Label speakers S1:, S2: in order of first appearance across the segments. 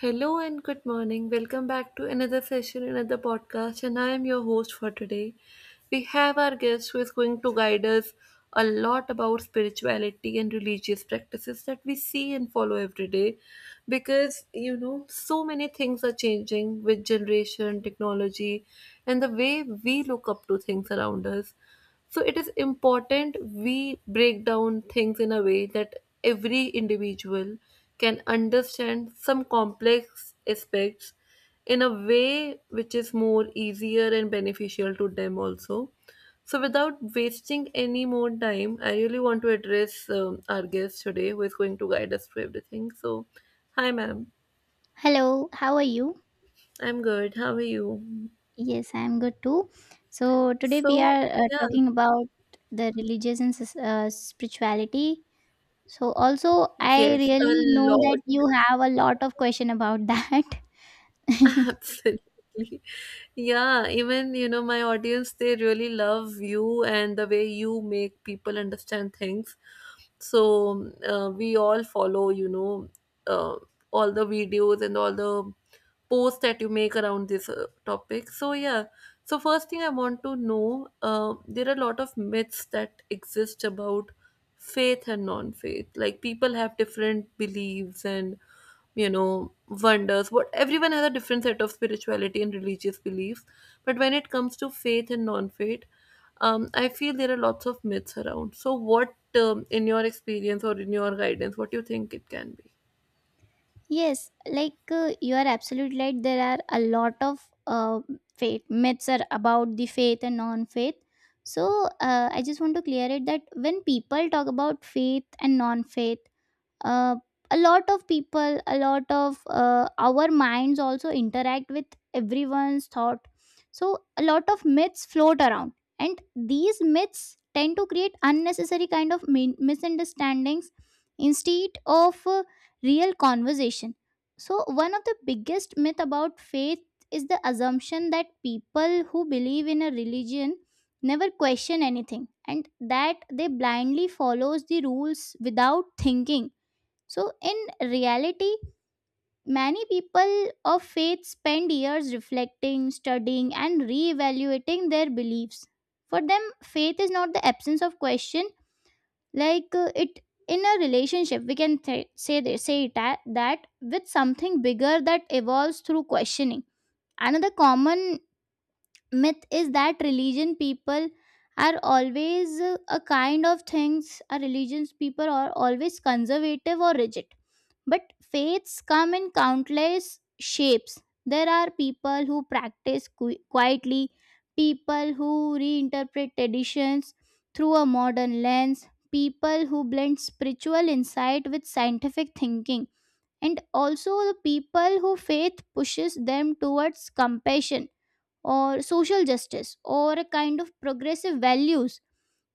S1: Hello and good morning. Welcome back to another session, another podcast, and I am your host for today. We have our guest who is going to guide us a lot about spirituality and religious practices that we see and follow every day because you know so many things are changing with generation, technology, and the way we look up to things around us. So it is important we break down things in a way that every individual can understand some complex aspects in a way which is more easier and beneficial to them also. So without wasting any more time, I really want to address our guest today who is going to guide us through everything. So, hi ma'am.
S2: Hello, how are you?
S1: I'm good. How are you?
S2: Yes, I'm good too. So, today we
S1: So,
S2: are
S1: yeah,
S2: talking about the religious and spirituality. So, also, I
S1: yes, a
S2: really know
S1: lot.
S2: that you have a lot of question about that.
S1: Absolutely. Yeah, even you know, my audience they really love you and the way you make people understand things. So we all follow, you know, uh, all the videos and all the posts that you make around this topic. So yeah, so first thing I want to know, there are a lot of myths that exist about faith and non-faith. Like people have different beliefs and you know wonders. What everyone has a different set of spirituality and religious beliefs, but when it comes to faith and non-faith, I feel there are lots of myths around. So what, in your experience or in your guidance, what do you think it can be?
S2: Yes, like you are absolutely right. There are a lot of faith myths are about the faith and non-faith. So, I just want to clear it that when people talk about faith and non-faith uh, a lot of people a lot of our minds also interact with everyone's thought. So a lot of myths float around, and these myths tend to create unnecessary kind of misunderstandings instead of real conversation. So one of the biggest myth about faith is the assumption that people who believe in a religion never question anything and that they blindly follows the rules without thinking. So, in reality, many people of faith spend years reflecting, studying, and reevaluating their beliefs. For them, faith is not the absence of question, like it in a relationship. We can say they say that with something bigger that evolves through questioning. Another common myth is that religion people are always a kind of things. A religions people are always conservative or rigid, but faiths come in countless shapes. There are people who practice quietly, people who reinterpret traditions through a modern lens, people who blend spiritual insight with scientific thinking, and also the people who faith pushes them towards compassion or social justice or a kind of progressive values.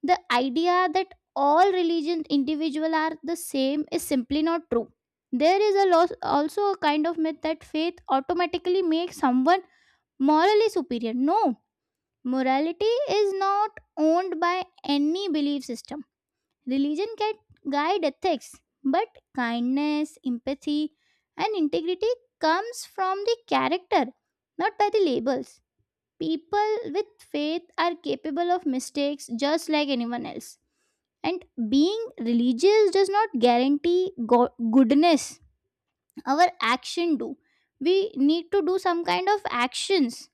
S2: The idea that all religion individuals are the same is simply not true. There is a loss, also a kind of myth that faith automatically makes someone morally superior. No, morality is not owned by any belief system. Religion can guide ethics, but kindness, empathy, and integrity comes from the character, not by the labels. People with faith are capable of mistakes just like anyone else. And being religious does not guarantee goodness. Our action do. We need to do some kind of actions.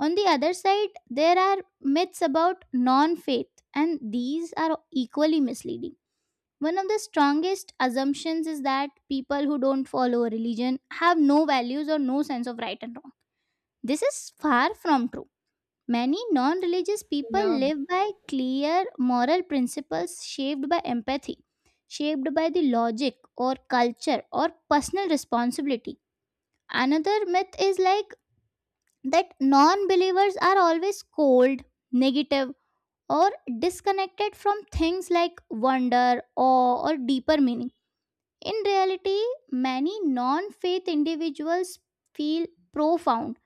S2: On the other side, there are myths about non-faith, and these are equally misleading. One of the strongest assumptions is that people who don't follow a religion have no values or no sense of right and wrong. This is far from true. Many non religious people
S1: Yeah,
S2: live by clear moral principles shaped by empathy, shaped by the logic or culture or personal responsibility. Another myth is like that non believers are always cold, negative, or disconnected from things like wonder, awe, or deeper meaning. In reality, many non faith individuals feel profound,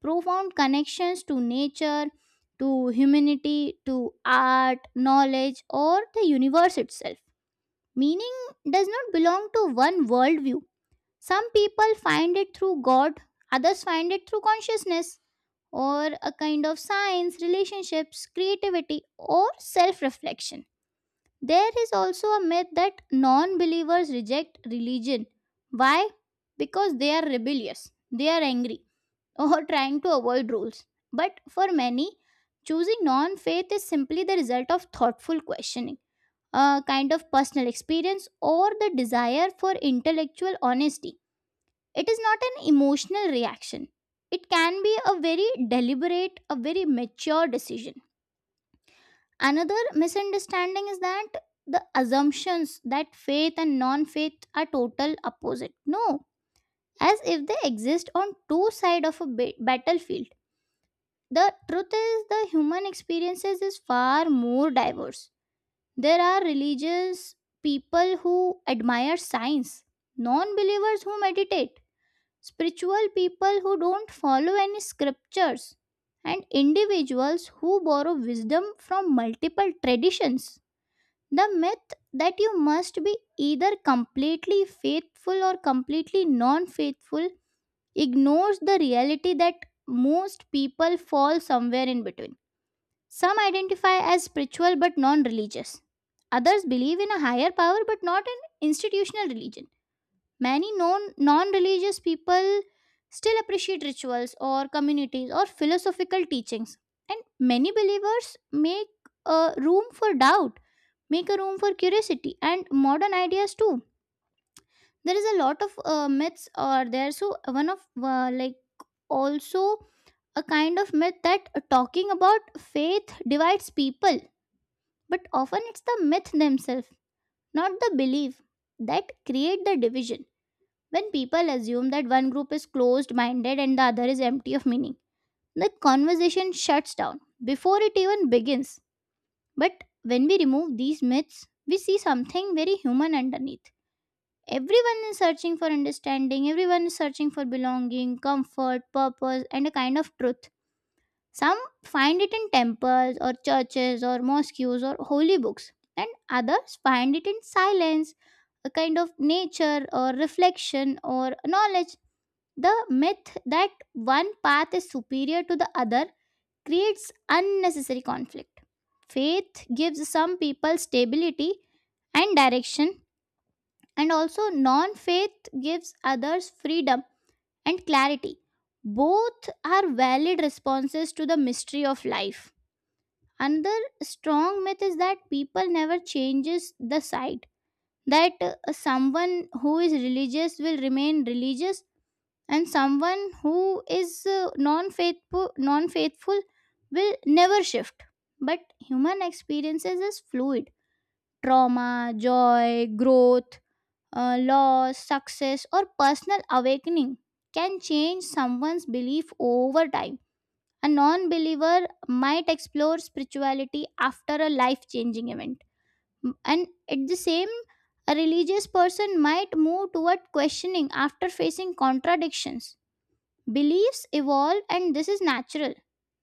S2: profound connections to nature, to humanity, to art, knowledge, or the universe itself. Meaning does not belong to one worldview. Some people find it through God, others find it through consciousness, or a kind of science, relationships, creativity, or self reflection. There is also a myth that non believers reject religion. Why? Because they are rebellious, they are angry, or trying to avoid rules. But for many, choosing non faith is simply the result of thoughtful questioning, a kind of personal experience, or the desire for intellectual honesty. It is not an emotional reaction, it can be a very deliberate, a very mature decision. Another misunderstanding is that the assumptions that faith and non faith are total opposite. No, as if they exist on two sides of a battlefield. The truth is, the human experiences is far more diverse. There are religious people who admire science, non believers who meditate, spiritual people who don't follow any scriptures, and individuals who borrow wisdom from multiple traditions. The myth that you must be either completely faithful or completely non faithful ignores the reality that most people fall somewhere in between. Some identify as spiritual but non religious. Others believe in a higher power but not an institutional religion. Many non religious people still appreciate rituals or communities or philosophical teachings, and many believers make room for doubt, make a room for curiosity and modern ideas too. There is a lot of myths or there so one of like also a kind of myth that talking about faith divides people, but often it's the myth themselves, not the belief, that create the division. When people assume that one group is closed minded and the other is empty of meaning, the conversation shuts down before it even begins. But when we remove these myths, we see something very human underneath. Everyone is searching for understanding, everyone is searching for belonging, comfort, purpose, and a kind of truth. Some find it in temples or churches or mosques or holy books, and others find it in silence, a kind of nature or reflection or knowledge. The myth that one path is superior to the other creates unnecessary conflict. Faith gives some people stability and direction, and also non faith gives others freedom and clarity. Both are valid responses to the mystery of life. Another strong myth is that people never changes the side, that someone who is religious will remain religious, and someone who is non faithful will never shift. But human experiences is fluid. Trauma, joy, growth, loss, success, or personal awakening can change someone's belief over time. A non believer might explore spirituality after a life changing event. And at the same, a religious person might move toward questioning after facing contradictions. Beliefs evolve, and this is natural.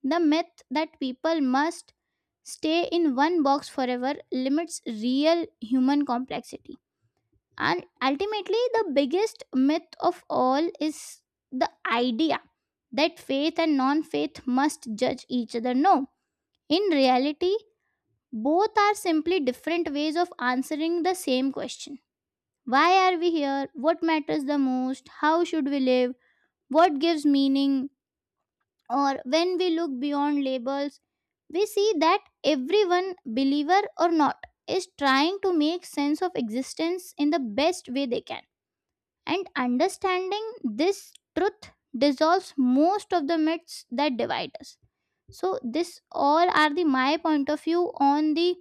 S2: The myth that people must stay in one box forever limits real human complexity. And ultimately, the biggest myth of all is the idea that faith and non faith must judge each other. No, in reality, both are simply different ways of answering the same question. Why are we here? What matters the most? How should we live? What gives meaning? Or when we look beyond labels, we see that everyone, believer or not, is trying to make sense of existence in the best way they can. And understanding this truth dissolves most of the myths that divide us. So this all are the my point of view on the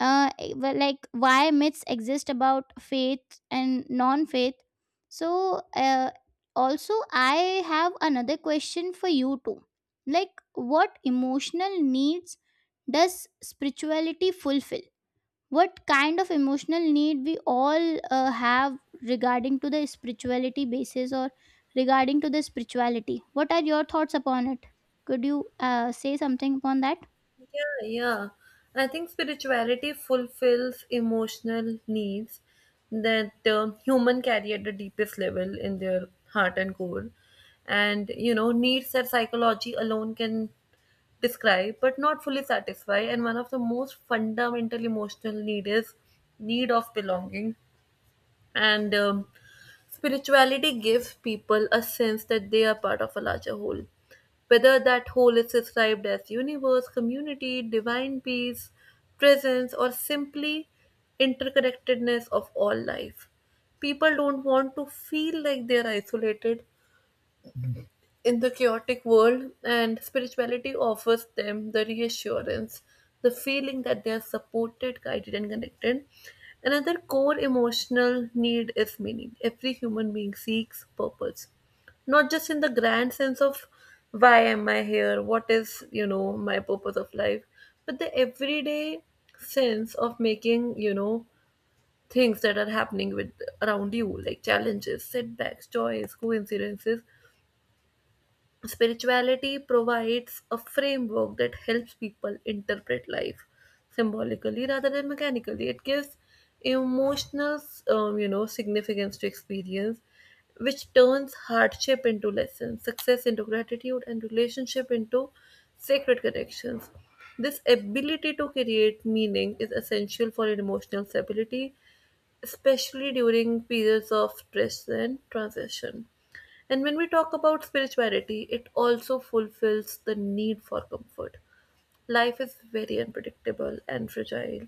S2: well, like why myths exist about faith and non-faith. So also I have another question for you too. Like what emotional needs does spirituality fulfill? What kind of emotional need we all have regarding to the spirituality basis, or regarding to the spirituality what are your thoughts upon it? Could you say something upon that?
S1: yeah, yeah. I think spirituality fulfills emotional needs that human carry at the deepest level in their heart and core. And, you know, needs that psychology alone can describe but not fully satisfy. And one of the most fundamental emotional need is need of belonging and spirituality gives people a sense that they are part of a larger whole, whether that whole is described as universe, community, divine peace, presence, or simply interconnectedness of all life. People don't want to feel like they are isolated in the chaotic world, and spirituality offers them the reassurance, the feeling that they are supported, guided, and connected. Another core emotional need is meaning. Every human being seeks purpose, not just in the grand sense of why am I here, what is, you know, my purpose of life, but the everyday sense of making, you know, things that are happening with around you, like challenges, setbacks, joys, coincidences. Spirituality provides a framework that helps people interpret life symbolically rather than mechanically. It gives emotional, you know, significance to experience, which turns hardship into lessons, success into gratitude, and relationship into sacred connections. This ability to create meaning is essential for emotional stability, especially during periods of stress and transition. And when we talk about spirituality, it also fulfills the need for comfort. Life is very unpredictable and fragile.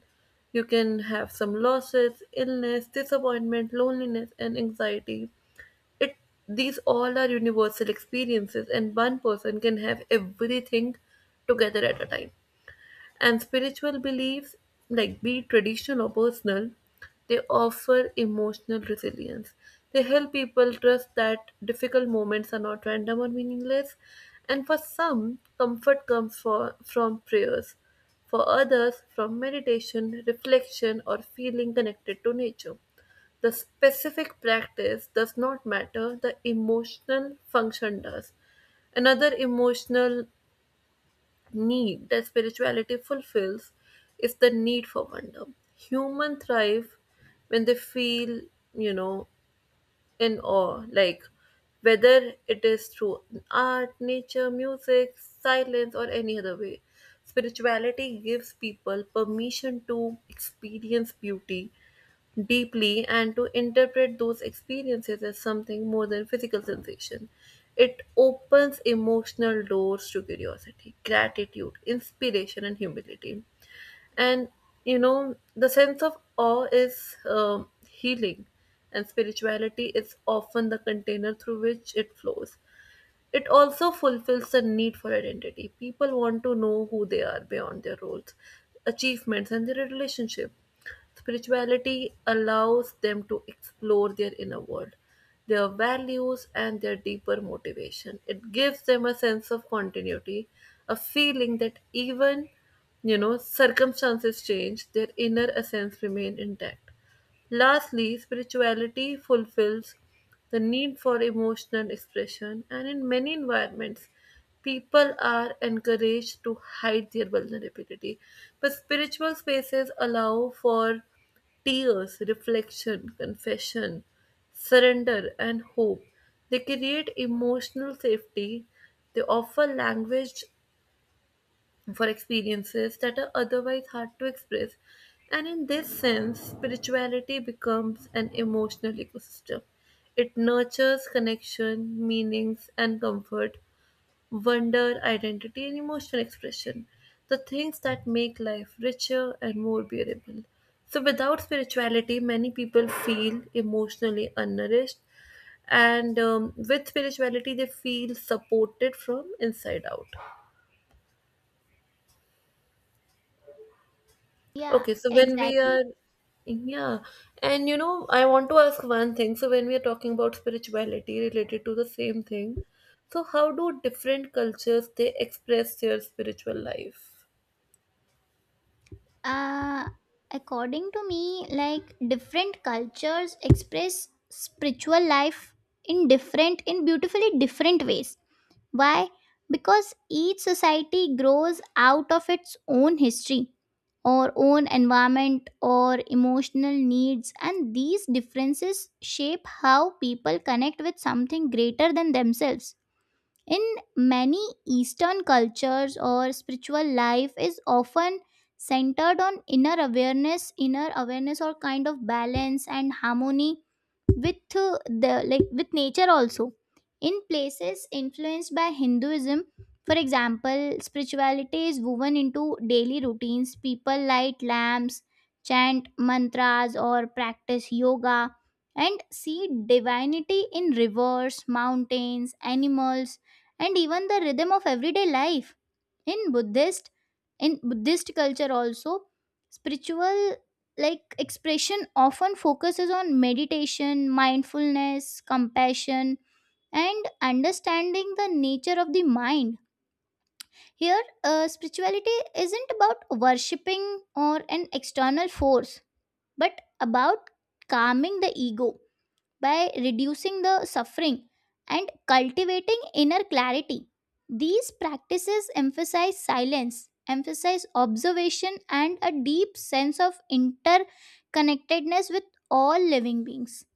S1: You can have some losses, illness, disappointment, loneliness, and anxiety. It, these all are universal experiences, and one person can have everything together at a time. And spiritual beliefs, like be it traditional or personal, they offer emotional resilience. They help people trust that difficult moments are not random or meaningless. And for some, comfort comes for, from prayers. For others, from meditation, reflection, or feeling connected to nature. The specific practice does not matter, the emotional function does. Another emotional need that spirituality fulfills is the need for wonder. Human thrive when they feel, you know, in awe, like whether it is through art, nature, music, silence, or any other way. Spirituality gives people permission to experience beauty deeply and to interpret those experiences as something more than physical sensation. It opens emotional doors to curiosity, gratitude, inspiration, and humility. And you know, the sense of awe is healing, and spirituality is often the container through which it flows. It also fulfills the need for identity. People want to know who they are beyond their roles, achievements, and their relationship. Spirituality allows them to explore their inner world, their values, and their deeper motivation. It gives them a sense of continuity, a feeling that even you know circumstances change, their inner essence remain intact. Lastly, spirituality fulfills the need for emotional expression, and in many environments, people are encouraged to hide their vulnerability. But spiritual spaces allow for tears, reflection, confession, surrender, and hope. They create emotional safety. They offer language for experiences that are otherwise hard to express. And in this sense, spirituality becomes an emotional ecosystem. It nurtures connection, meanings, and comfort, wonder, identity, and emotional expression, the things that make life richer and more bearable. So, without spirituality, many people feel emotionally unnourished, and with spirituality, they feel supported from inside out.
S2: Yeah,
S1: Okay, so when we
S2: exactly.
S1: are, yeah, and you know, I want to ask one thing. So when we are talking about spirituality related to the same thing, so how do different cultures they express their spiritual life?
S2: Uh, According to me, like different cultures express spiritual life in beautifully different ways. Why? Because each society grows out of its own history, or own environment, or emotional needs, and these differences shape how people connect with something greater than themselves. In many Eastern cultures, or spiritual life is often centered on inner awareness, or kind of balance and harmony with the like with nature also. In places influenced by Hinduism, for example, spirituality is woven into daily routines. People light lamps, chant mantras, or practice yoga, and see divinity in rivers, mountains, animals, and even the rhythm of everyday life. In buddhist in buddhist culture also, spiritual like expression often focuses on meditation, mindfulness, compassion, and understanding the nature of the mind. Here, spirituality isn't about worshipping or an external force, but about calming the ego by reducing the suffering and cultivating inner clarity. These practices emphasize silence, emphasize observation, and a deep sense of interconnectedness with all living beings.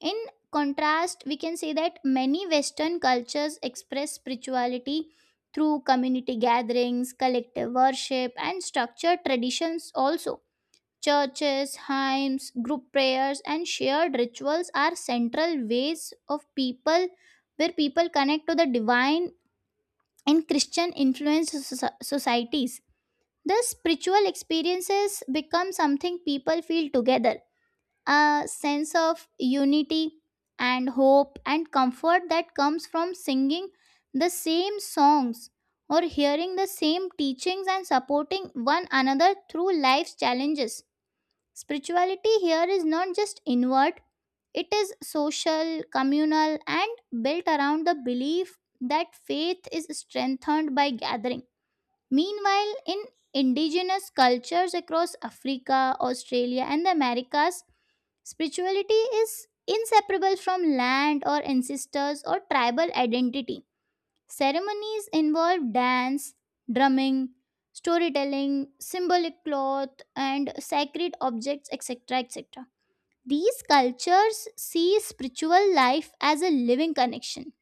S2: In contrast, we can say that many Western cultures express spirituality through community gatherings, collective worship, and structured traditions also. Churches, hymns, group prayers, and shared rituals are central ways of people where people connect to the divine in Christian influenced societies. The spiritual experiences become something people feel together, a sense of unity and hope and comfort that comes from singing the same songs or hearing the same teachings and supporting one another through life's challenges. Spirituality here is not just inward, it is social, communal, and built around the belief that faith is strengthened by gathering. Meanwhile, in indigenous cultures across Africa, Australia, and the Americas, spirituality is inseparable from land or ancestors or tribal identity. Ceremonies involve dance, drumming, storytelling, symbolic cloth, and sacred objects, etc. etc. These cultures see spiritual life as a living connection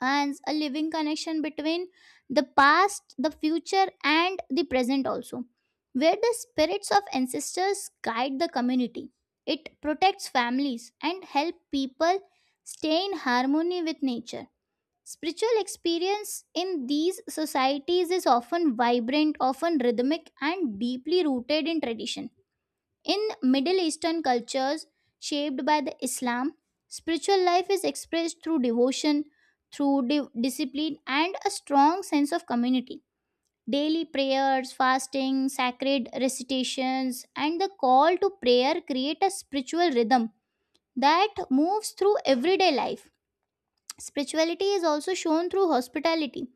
S2: and a living connection between the past, the future, and the present also, where the spirits of ancestors guide the community. It protects families and help people stay in harmony with nature. Spiritual experience in these societies is often vibrant, often rhythmic, and deeply rooted in tradition. In Middle Eastern cultures shaped by the Islam, spiritual life is expressed through devotion, through discipline, and a strong sense of community. Daily prayers, fasting, sacred recitations, and the call to prayer create a spiritual rhythm that moves through everyday life. Spirituality is also shown through hospitality.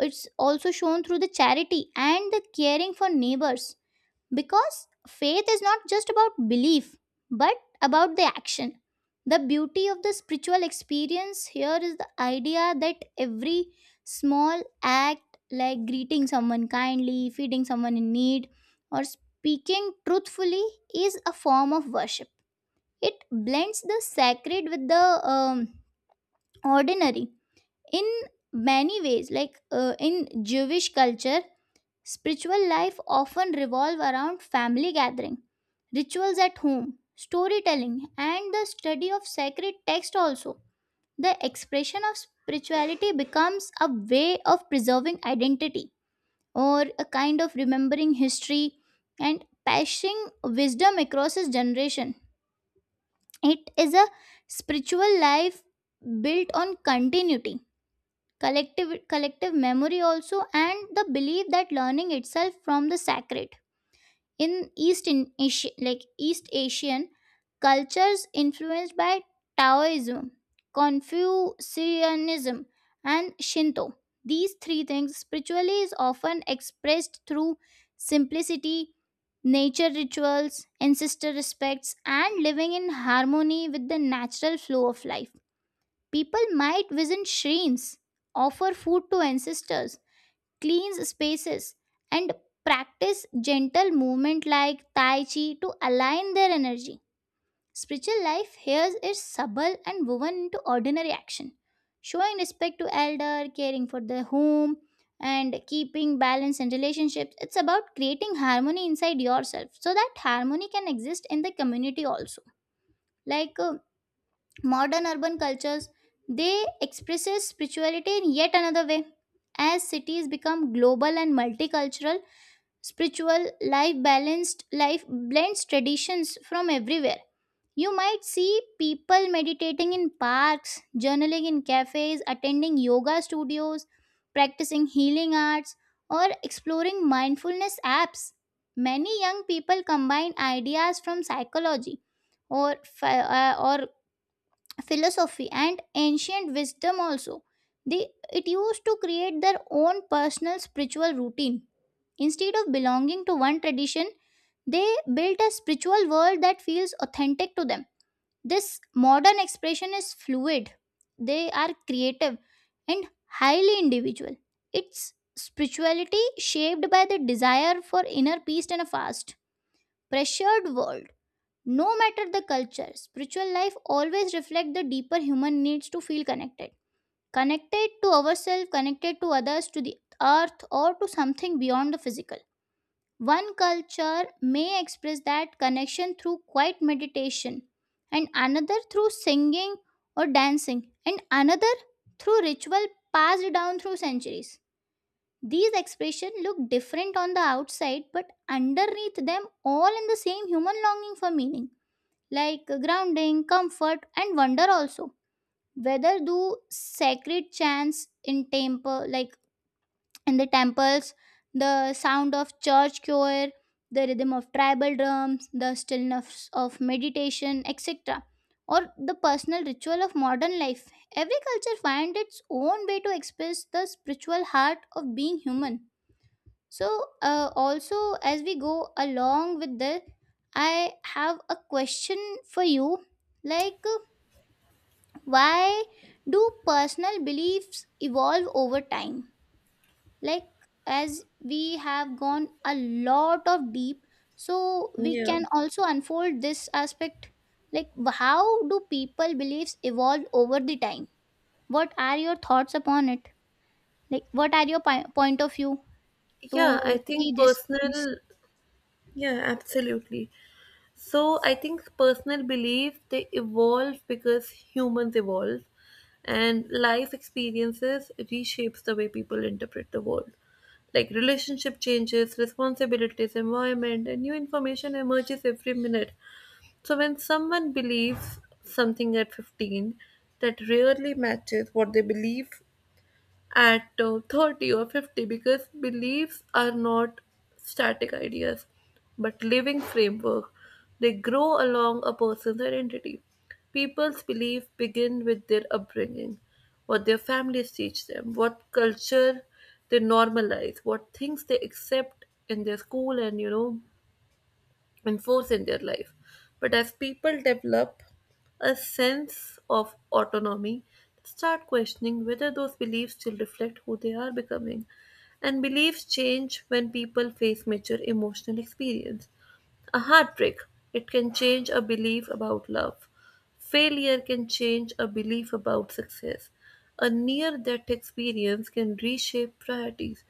S2: It's also shown through the charity and the caring for neighbors because faith is not just about belief, but about the action. The beauty of the spiritual experience here is the idea that every small act, like greeting someone kindly, feeding someone in need, or speaking truthfully, is a form of worship. It blends the sacred with the ordinary in many ways. In Jewish culture, spiritual life often revolve around family gathering, rituals at home, storytelling, and the study of sacred text also. The expression of spirituality becomes a way of preserving identity or a kind of remembering history and passing wisdom across his generation. It is a spiritual life built on continuity, collective memory also, and the belief that learning itself from the sacred in east in Asia, like east asian cultures influenced by taoism, confucianism, and shinto, these three things spiritually is often expressed through simplicity, nature rituals, ancestor respects, and living in harmony with the natural flow of life. People might visit shrines, offer food to ancestors, clean spaces, and practice gentle movement like Tai Chi to align their energy. Spiritual life here is subtle and woven into ordinary action, showing respect to elder, caring for the home, and keeping balance in relationships. It's about creating harmony inside yourself so that harmony can exist in the community also. Like uh, Modern urban cultures, they expresses spirituality in yet another way. As cities become global and multicultural, spiritual life balanced life blends traditions from everywhere. You might see people meditating in parks, journaling in cafes, attending yoga studios, practicing healing arts, or exploring mindfulness apps. Many young people combine ideas from psychology or fi- uh, or philosophy and ancient wisdom also. They it used to create their own personal spiritual routine instead of belonging to one tradition. They built a spiritual world that feels authentic to them. This modern expression is fluid, they are creative and highly individual. Its spirituality shaped by the desire for inner peace in a fast pressured world. No matter the culture, spiritual life always reflects the deeper human needs to feel connected. Connected to ourselves, connected to others, to the earth, or to something beyond the physical. One culture may express that connection through quiet meditation, and another through singing or dancing, and another through ritual passed down through centuries. These expressions look different on the outside, but underneath them, all in the same human longing for meaning, like grounding, comfort, and wonder also. Whether do sacred chants in temple, like in the temples, the sound of church choir, the rhythm of tribal drums, the stillness of meditation, etc., or the personal ritual of modern life, every culture finds its own way to express the spiritual heart of being human. So, also, as we go along with this, I have a question for you. Like, uh, why do personal beliefs evolve over time? Like, as we have gone a lot of deep, so we
S1: Yeah.
S2: can also unfold this aspect. Like, how do people beliefs evolve over the time? What are your thoughts upon it? Like, what are your point of view
S1: Yeah,
S2: to see these things?
S1: yeah, absolutely. So I think personal belief they evolve because humans evolve and life experiences reshapes the way people interpret the world. Like relationship changes, responsibilities, environment, and new information emerges every minute. So when someone believes something at 15 that rarely matches what they believe at 30 or 50, because beliefs are not static ideas but living framework. They grow along a person's identity. People's beliefs begin with their upbringing, what their families teach them, what culture they normalize, what things they accept in their school and you know and force in their life. But as people develop a sense of autonomy, they start questioning whether those beliefs still reflect who they are becoming. And beliefs change when people face mature emotional experience. A heartbreak, it can change a belief about love. Failure can change a belief about success. A near death experience can reshape priorities.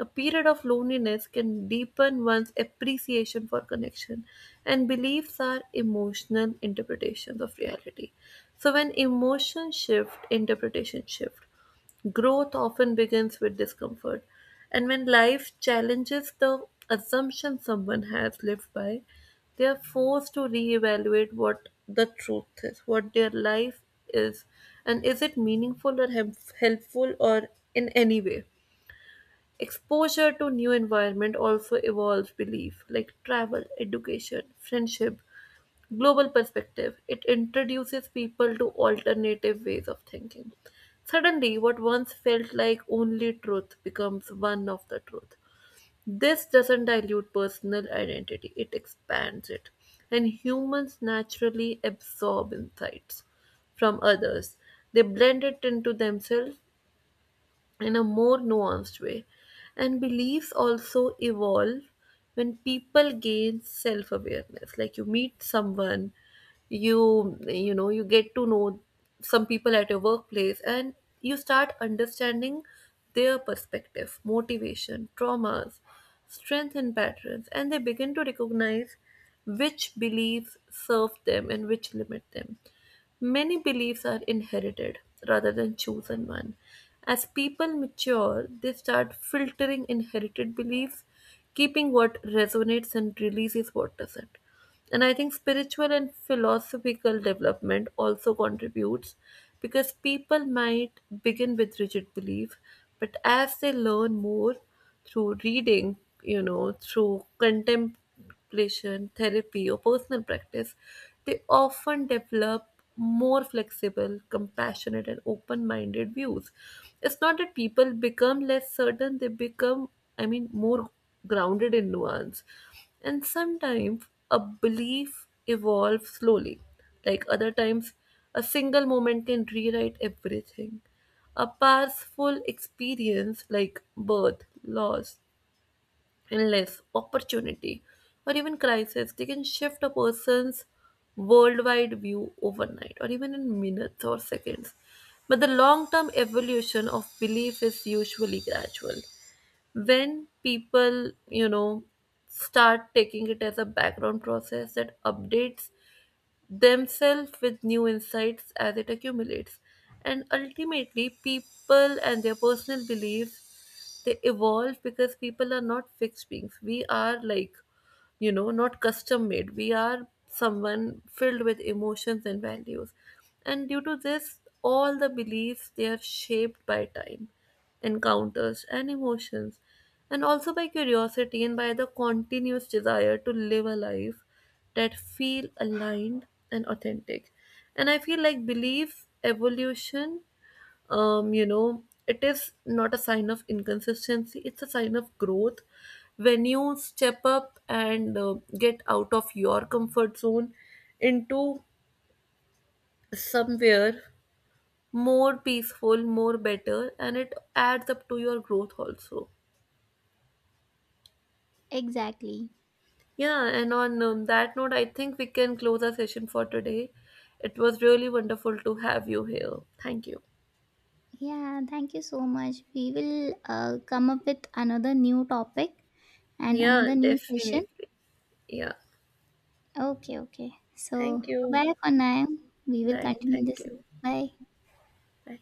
S1: A period of loneliness can deepen one's appreciation for connection. And beliefs are emotional interpretations of reality. So, when emotions shift, interpretation shift. Growth often begins with discomfort, and when life challenges the assumption someone has lived by, they are forced to reevaluate what the truth is, what their life is, and is it meaningful or helpful or in any way. Exposure to new environment also evolves belief, like travel, education, friendship, global perspective. It introduces people to alternative ways of thinking. Suddenly, what once felt like only truth becomes one of the truth. This doesn't dilute personal identity, it expands it. And humans naturally absorb insights from others, they blend it into themselves in a more nuanced way. And beliefs also evolve when people gain self awareness. Like you meet someone, you know, you get to know some people at your workplace and you start understanding their perspective, motivation, traumas, strength and patterns, and they begin to recognize which beliefs serve them and which limit them. Many beliefs are inherited rather than chosen one. As people mature, they start filtering inherited beliefs, keeping what resonates and releases what doesn't. And I think spiritual and philosophical development also contributes because people might begin with rigid belief, but as they learn more, through reading, you know, through contemplation, therapy, or personal practice, they often develop more flexible, compassionate, and open minded views. It's not that people become less certain, they become, I mean, more grounded in nuance. And sometimes a belief evolves slowly, like other times, a single moment can rewrite everything. A powerful experience like birth, loss, illness, opportunity, or even crisis, they can shift a person's worldwide view overnight or even in minutes or seconds. But the long term evolution of belief is usually gradual. When people, you know, start taking it as a background process that updates themselves with new insights as it accumulates. And ultimately, people and their personal beliefs they evolve because people are not fixed beings. We are like, you know, not custom made. We are someone filled with emotions and values. And due to this, all the beliefs they are shaped by time, encounters, and emotions, and also by curiosity and by the continuous desire to live a life that feel aligned and authentic. And I feel like belief evolution, you know, it is not a sign of inconsistency, it's a sign of growth. When you step up and get out of your comfort zone into somewhere more peaceful, more better, and it adds up to your growth also.
S2: Exactly.
S1: Yeah, and on that note, I think we can close our session for today. It was really wonderful to have you here. Thank you.
S2: Yeah, thank you so much. We will come up with another new topic and
S1: Yeah,
S2: another new session.
S1: definitely. Yeah.
S2: Okay, okay. So,
S1: Thank you.
S2: bye for now. We will
S1: Bye.
S2: continue
S1: Thank
S2: this.
S1: you.
S2: Bye.
S1: Bye.